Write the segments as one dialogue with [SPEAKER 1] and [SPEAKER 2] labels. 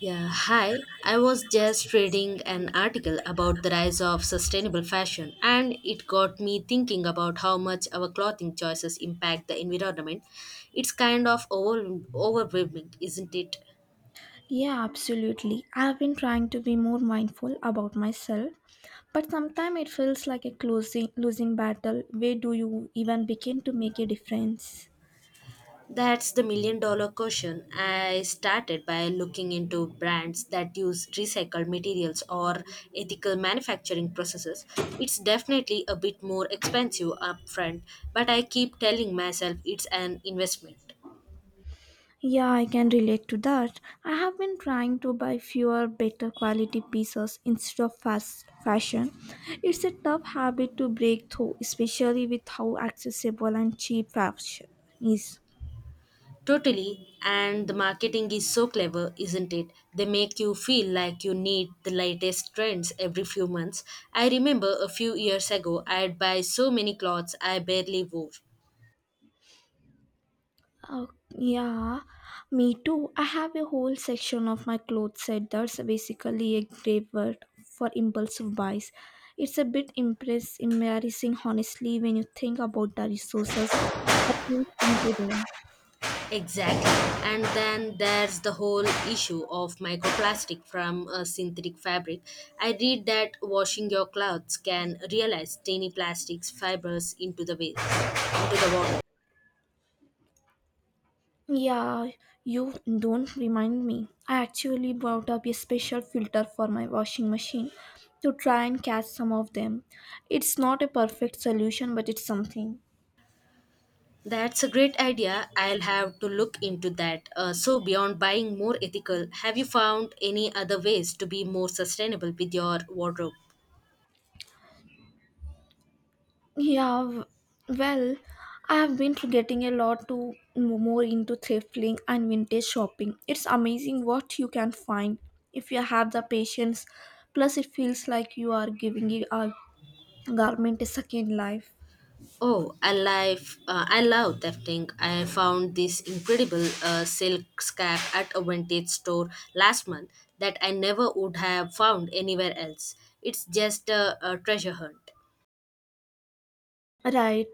[SPEAKER 1] Yeah, hi. I was just reading an article about the rise of sustainable fashion, and it got me thinking about how much our clothing choices impact the environment. It's kind of overwhelming, isn't it?
[SPEAKER 2] Yeah, absolutely. I've been trying to be more mindful about myself, but sometimes it feels like a closing losing battle. Where do you even begin to make a difference?
[SPEAKER 1] That's the million dollar question. I started by looking into brands that use recycled materials or ethical manufacturing processes. It's definitely a bit more expensive upfront, but I keep telling myself it's an investment.
[SPEAKER 2] Yeah, I can relate to that. I have been trying to buy fewer better quality pieces instead of fast fashion. It's a tough habit to break through, especially with how accessible and cheap fashion is.
[SPEAKER 1] Totally, and the marketing is so clever, isn't it? They make you feel like you need the latest trends every few months. I remember a few years ago, I'd buy so many clothes I barely wore.
[SPEAKER 2] Oh, yeah, me too. I have a whole section of my clothes set that's basically a graveyard for impulsive buys. It's a bit embarrassing, honestly, when you think about the resources that went into them.
[SPEAKER 1] Exactly. And then there's the whole issue of microplastic from a synthetic fabric. I read that washing your clothes can realize tiny plastics fibers into the waste, into the water.
[SPEAKER 2] Yeah, you don't remind me. I actually bought up a special filter for my washing machine to try and catch some of them. It's not a perfect solution, but it's something.
[SPEAKER 1] That's a great idea. I'll have to look into that. So, beyond buying more ethical, have you found any other ways to be more sustainable with your wardrobe?
[SPEAKER 2] Yeah, w- well, I have been to getting a lot to more into thrifting and vintage shopping. It's amazing what you can find if you have the patience. Plus, it feels like you are giving it a garment a second life.
[SPEAKER 1] Oh, I love thrifting. I found this incredible silk scarf at a vintage store last month that I never would have found anywhere else. It's just a treasure hunt.
[SPEAKER 2] Right,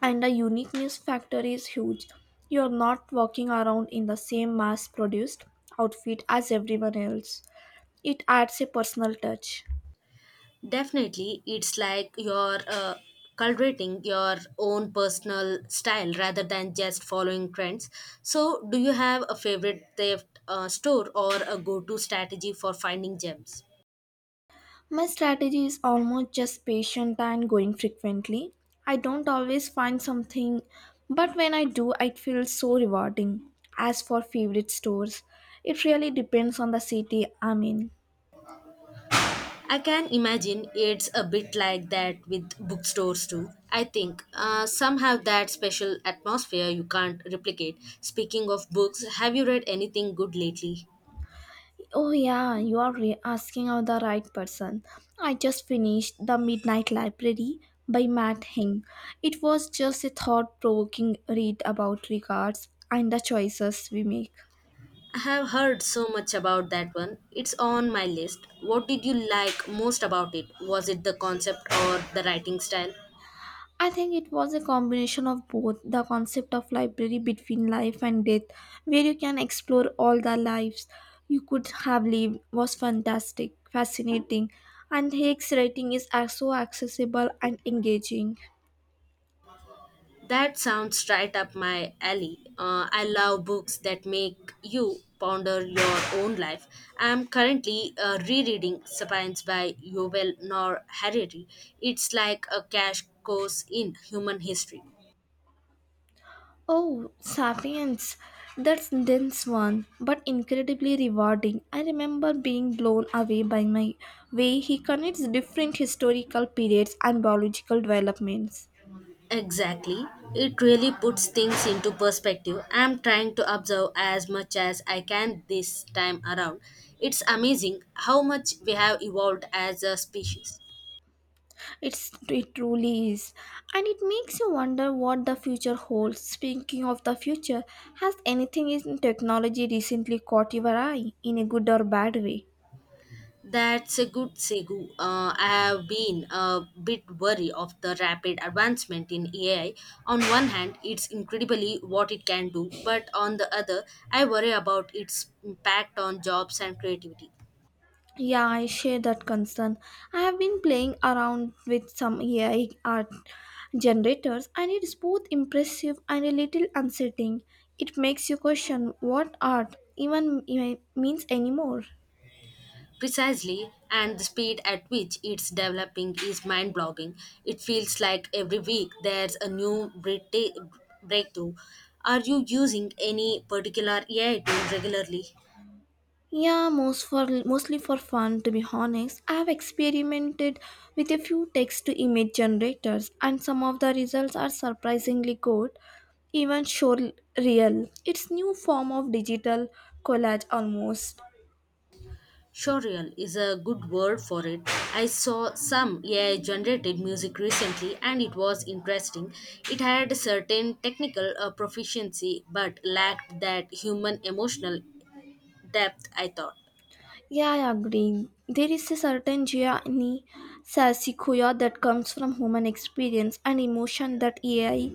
[SPEAKER 2] and the uniqueness factor is huge. You are not walking around in the same mass produced outfit as everyone else. It adds a personal touch.
[SPEAKER 1] Definitely, it's like you're cultivating your own personal style rather than just following trends. So, do you have a favorite thrift store or a go to strategy for finding gems?
[SPEAKER 2] My strategy is almost just patient and going frequently. I don't always find something, but when I do, it feels so rewarding. As for favorite stores, it really depends on the city I'm in.
[SPEAKER 1] I can imagine it's a bit like that with bookstores too. I think some have that special atmosphere you can't replicate. Speaking of books, have you read anything good lately?
[SPEAKER 2] Oh, yeah, you are asking of the right person. I just finished The Midnight Library by Matt Hing. It was just a thought provoking read about regards and the choices we make.
[SPEAKER 1] I have heard so much about that one. It's on my list. What did you like most about it? Was it the concept or the writing style?
[SPEAKER 2] I think it was a combination of both the concept of library between life and death, where you can explore all the lives you could have lived, was fantastic, fascinating, and Haig's writing is so accessible and engaging.
[SPEAKER 1] That sounds right up my alley. I love books that make you ponder your own life. I'm currently rereading Sapiens by Yuval Noah Harari. It's like a crash course in human history.
[SPEAKER 2] Oh, Sapiens! That's dense one, but incredibly rewarding. I remember being blown away by my way he connects different historical periods and biological developments.
[SPEAKER 1] Exactly. It really puts things into perspective. I'm trying to observe as much as I can this time around. It's amazing how much we have evolved as a species.
[SPEAKER 2] It truly is, and it makes you wonder what the future holds. Speaking of the future, has anything in technology recently caught your eye in a good or bad way?
[SPEAKER 1] That's a good segue. I have been a bit wary of the rapid advancement in AI. On one hand, it's incredibly what it can do, but on the other, I worry about its impact on jobs and creativity.
[SPEAKER 2] Yeah, I share that concern. I have been playing around with some AI art generators, and it's both impressive and a little unsettling. It makes you question what art even means anymore.
[SPEAKER 1] Precisely, and the speed at which it's developing is mind blogging. It feels like every week there's a new breakthrough. Are you using any particular AI tool regularly?
[SPEAKER 2] Yeah, mostly for fun to be honest. I have experimented with a few text to image generators and some of the results are surprisingly good, even show real. It's new form of digital collage almost.
[SPEAKER 1] Showreel is a good word for it. I saw some AI generated music recently and it was interesting. It had a certain technical proficiency but lacked that human emotional depth, I thought.
[SPEAKER 2] Yeah, I agree. There is a certain Gianni Sasikuya that comes from human experience and emotion that AI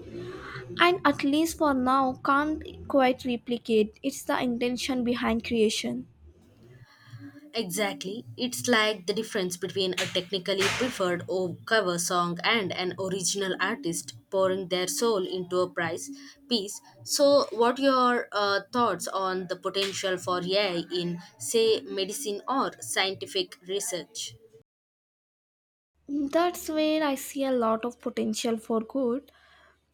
[SPEAKER 2] and at least for now can't quite replicate. It's the intention behind creation.
[SPEAKER 1] Exactly. It's like the difference between a technically preferred cover song and an original artist pouring their soul into a price piece. So, what your thoughts on the potential for AI in, say, medicine or scientific research?
[SPEAKER 2] That's where I see a lot of potential for good.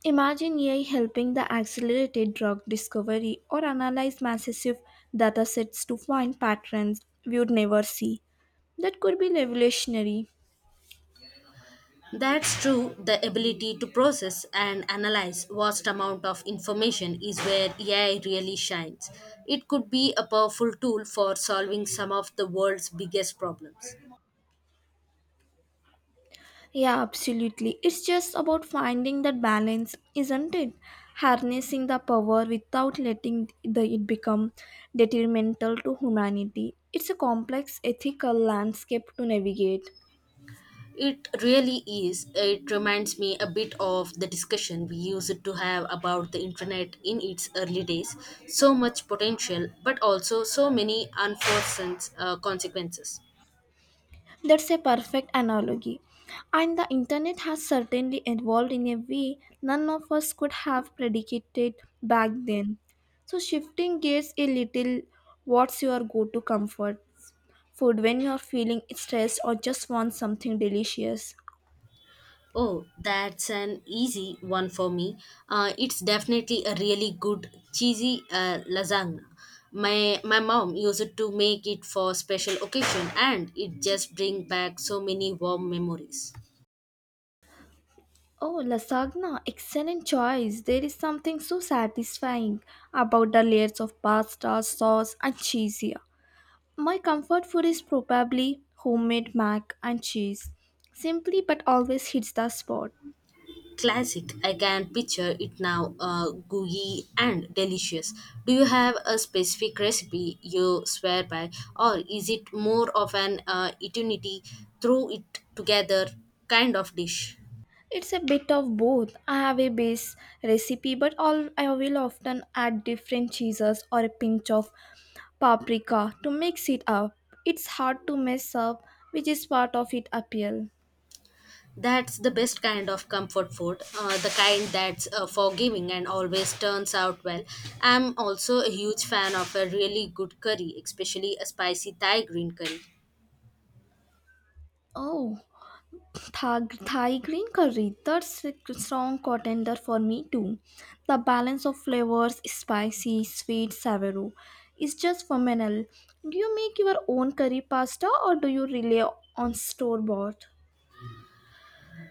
[SPEAKER 2] Imagine AI helping the accelerated drug discovery or analyze massive data sets to find patterns we would never see. That could be revolutionary.
[SPEAKER 1] That's true. The ability to process and analyze vast amount of information is where AI really shines. It could be a powerful tool for solving some of the world's biggest problems.
[SPEAKER 2] Yeah, absolutely. It's just about finding that balance, isn't it? Harnessing the power without letting the, it become detrimental to humanity. It's a complex ethical landscape to navigate.
[SPEAKER 1] It really is. It reminds me a bit of the discussion we used to have about the internet in its early days. So much potential, but also so many unforeseen consequences.
[SPEAKER 2] That's a perfect analogy. And the internet has certainly evolved in a way none of us could have predicated back then. So, shifting gears a little, what's your go to comfort food when you're feeling stressed or just want something delicious?
[SPEAKER 1] Oh, that's an easy one for me. It's definitely a really good cheesy lasagna. My mom used to make it for special occasion, and it just brings back so many warm memories.
[SPEAKER 2] Oh, lasagna, excellent choice. There is something so satisfying about the layers of pasta, sauce, and cheese here. My comfort food is probably homemade mac and cheese. Simply but always hits the spot.
[SPEAKER 1] Classic. I can picture it now, gooey and delicious. Do you have a specific recipe you swear by, or is it more of an eternity, throw it together kind of dish?
[SPEAKER 2] It's a bit of both. I have a base recipe, but all I will often add different cheeses or a pinch of paprika to mix it up. It's hard to mess up, which is part of its appeal.
[SPEAKER 1] That's the best kind of comfort food, the kind that's forgiving and always turns out well. I'm also a huge fan of a really good curry, especially a spicy Thai green curry.
[SPEAKER 2] Oh, Thai green curry, that's a strong contender for me too. The balance of flavors, spicy, sweet, savory, is just phenomenal. Do you make your own curry pasta or do you rely on store bought?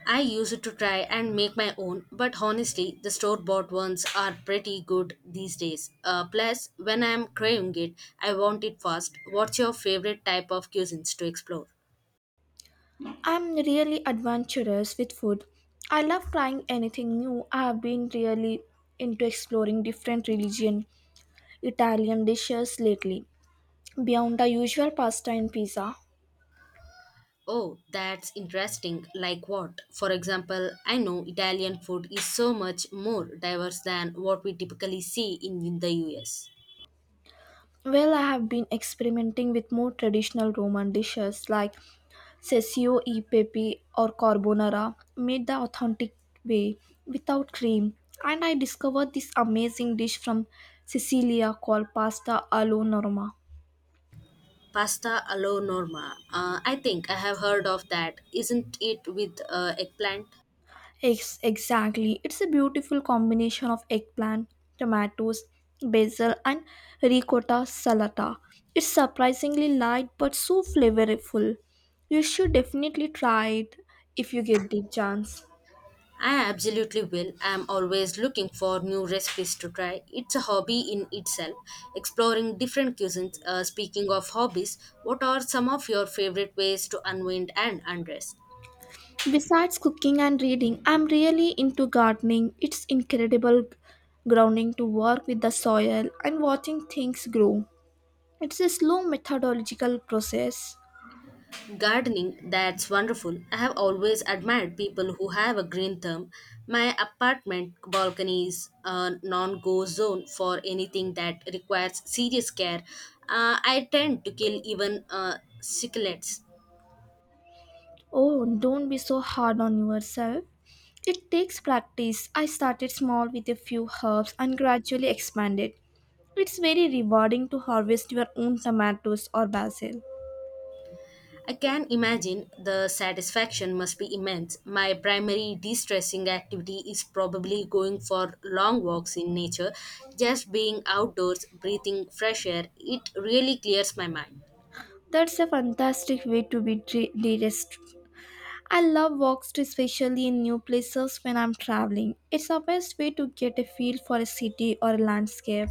[SPEAKER 1] I use it to try and make my own, but honestly, the store bought ones are pretty good these days. Plus, when I am craving it, I want it fast. What's your favorite type of cuisines to explore?
[SPEAKER 2] I'm really adventurous with food. I love trying anything new. I have been really into exploring different religion Italian dishes lately, beyond the usual pasta and pizza.
[SPEAKER 1] Oh, that's interesting. Like what? For example, I know Italian food is so much more diverse than what we typically see in the US.
[SPEAKER 2] Well, I have been experimenting with more traditional Roman dishes like sessio e pepe or carbonara, made the authentic way without cream. And I discovered this amazing dish from Sicilia called pasta alla norma.
[SPEAKER 1] Pasta alla norma. I think I have heard of that. Isn't it with eggplant?
[SPEAKER 2] Exactly. It's a beautiful combination of eggplant, tomatoes, basil, and ricotta salata. It's surprisingly light but so flavorful. You should definitely try it if you get the chance.
[SPEAKER 1] I absolutely will. I'm always looking for new recipes to try. It's a hobby in itself, exploring different cuisines. Speaking of hobbies, what are some of your favorite ways to unwind and undress?
[SPEAKER 2] Besides cooking and reading, I'm really into gardening. It's incredible grounding to work with the soil and watching things grow. It's a slow methodological process.
[SPEAKER 1] Gardening, that's wonderful. I have always admired people who have a green thumb. My apartment balcony is a non go zone for anything that requires serious care. I tend to kill even cichlids.
[SPEAKER 2] Oh, don't be so hard on yourself. It takes practice. I started small with a few herbs and gradually expanded. It's very rewarding to harvest your own tomatoes or basil.
[SPEAKER 1] I can imagine the satisfaction must be immense. My primary de stressing activity is probably going for long walks in nature. Just being outdoors, breathing fresh air, it really clears my mind.
[SPEAKER 2] That's a fantastic way to be de-risked. I love walks, especially in new places when I'm traveling. It's the best way to get a feel for a city or a landscape.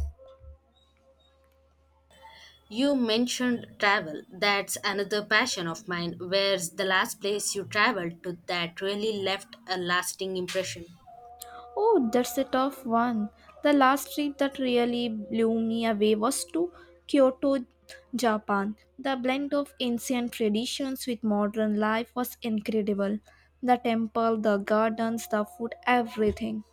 [SPEAKER 1] You mentioned travel. That's another passion of mine. Where's the last place you traveled to that really left a lasting impression?
[SPEAKER 2] Oh, that's a tough one. The last trip that really blew me away was to Kyoto, Japan. The blend of ancient traditions with modern life was incredible. The temple, the gardens, the food, everything.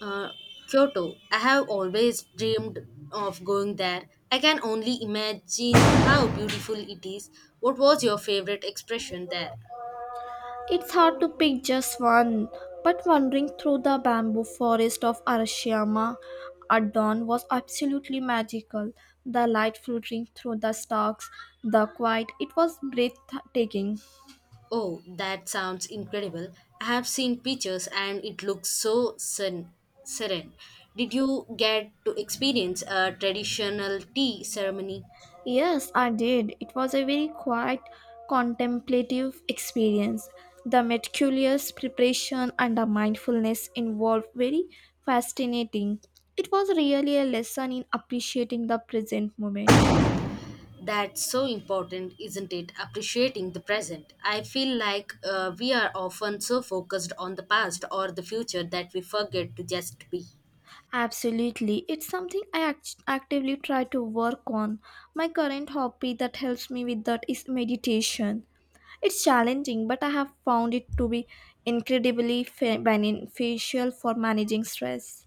[SPEAKER 1] Uh, Kyoto. I have always dreamed of going there. I can only imagine how beautiful it is. What was your favorite expression there?
[SPEAKER 2] It's hard to pick just one, but wandering through the bamboo forest of Arashiyama at dawn was absolutely magical. The light filtering through the stalks, the quiet, it was breathtaking.
[SPEAKER 1] Oh, that sounds incredible. I have seen pictures and it looks so serene. Did you get to experience a traditional tea ceremony?
[SPEAKER 2] Yes, I did. It was a very quiet, contemplative experience. The meticulous preparation and the mindfulness involved very fascinating. It was really a lesson in appreciating the present moment.
[SPEAKER 1] That's so important, isn't it? Appreciating the present. I feel like we are often so focused on the past or the future that we forget to just be.
[SPEAKER 2] Absolutely. It's something I actively try to work on. My current hobby that helps me with that is meditation. It's challenging, but I have found it to be incredibly beneficial for managing stress.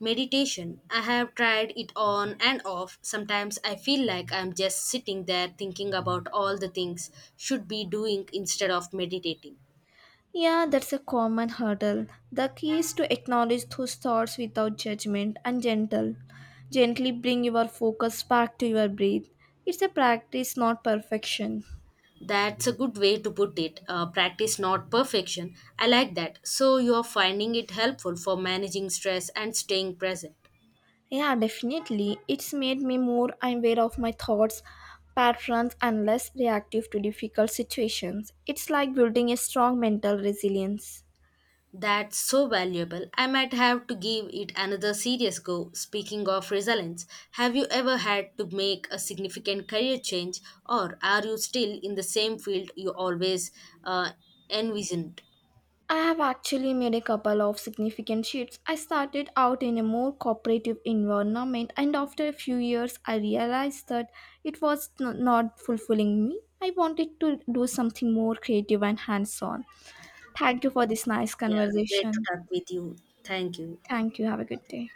[SPEAKER 1] Meditation. I have tried it on and off. Sometimes I feel like I'm just sitting there thinking about all the things should be doing instead of meditating.
[SPEAKER 2] Yeah, that's a common hurdle. The key is to acknowledge those thoughts without judgment and gentle. Gently bring your focus back to your breath. It's a practice, not perfection.
[SPEAKER 1] That's a good way to put it. Practice not perfection. I like that. So you are finding it helpful for managing stress and staying present.
[SPEAKER 2] Yeah, definitely. It's made me more aware of my thoughts, patterns, and less reactive to difficult situations. It's like building a strong mental resilience.
[SPEAKER 1] That's so valuable. I might have to give it another serious go. Speaking of resilience, have you ever had to make a significant career change, or are you still in the same field you always uh, envisioned?
[SPEAKER 2] I have actually made a couple of significant shifts. I started out in a more cooperative environment, and after a few years, I realized that it was not fulfilling me. I wanted to do something more creative and hands on. Thank you for this nice
[SPEAKER 1] Yeah, great to
[SPEAKER 2] conversation.
[SPEAKER 1] talk with you. Thank you.
[SPEAKER 2] Thank you. Have a good day.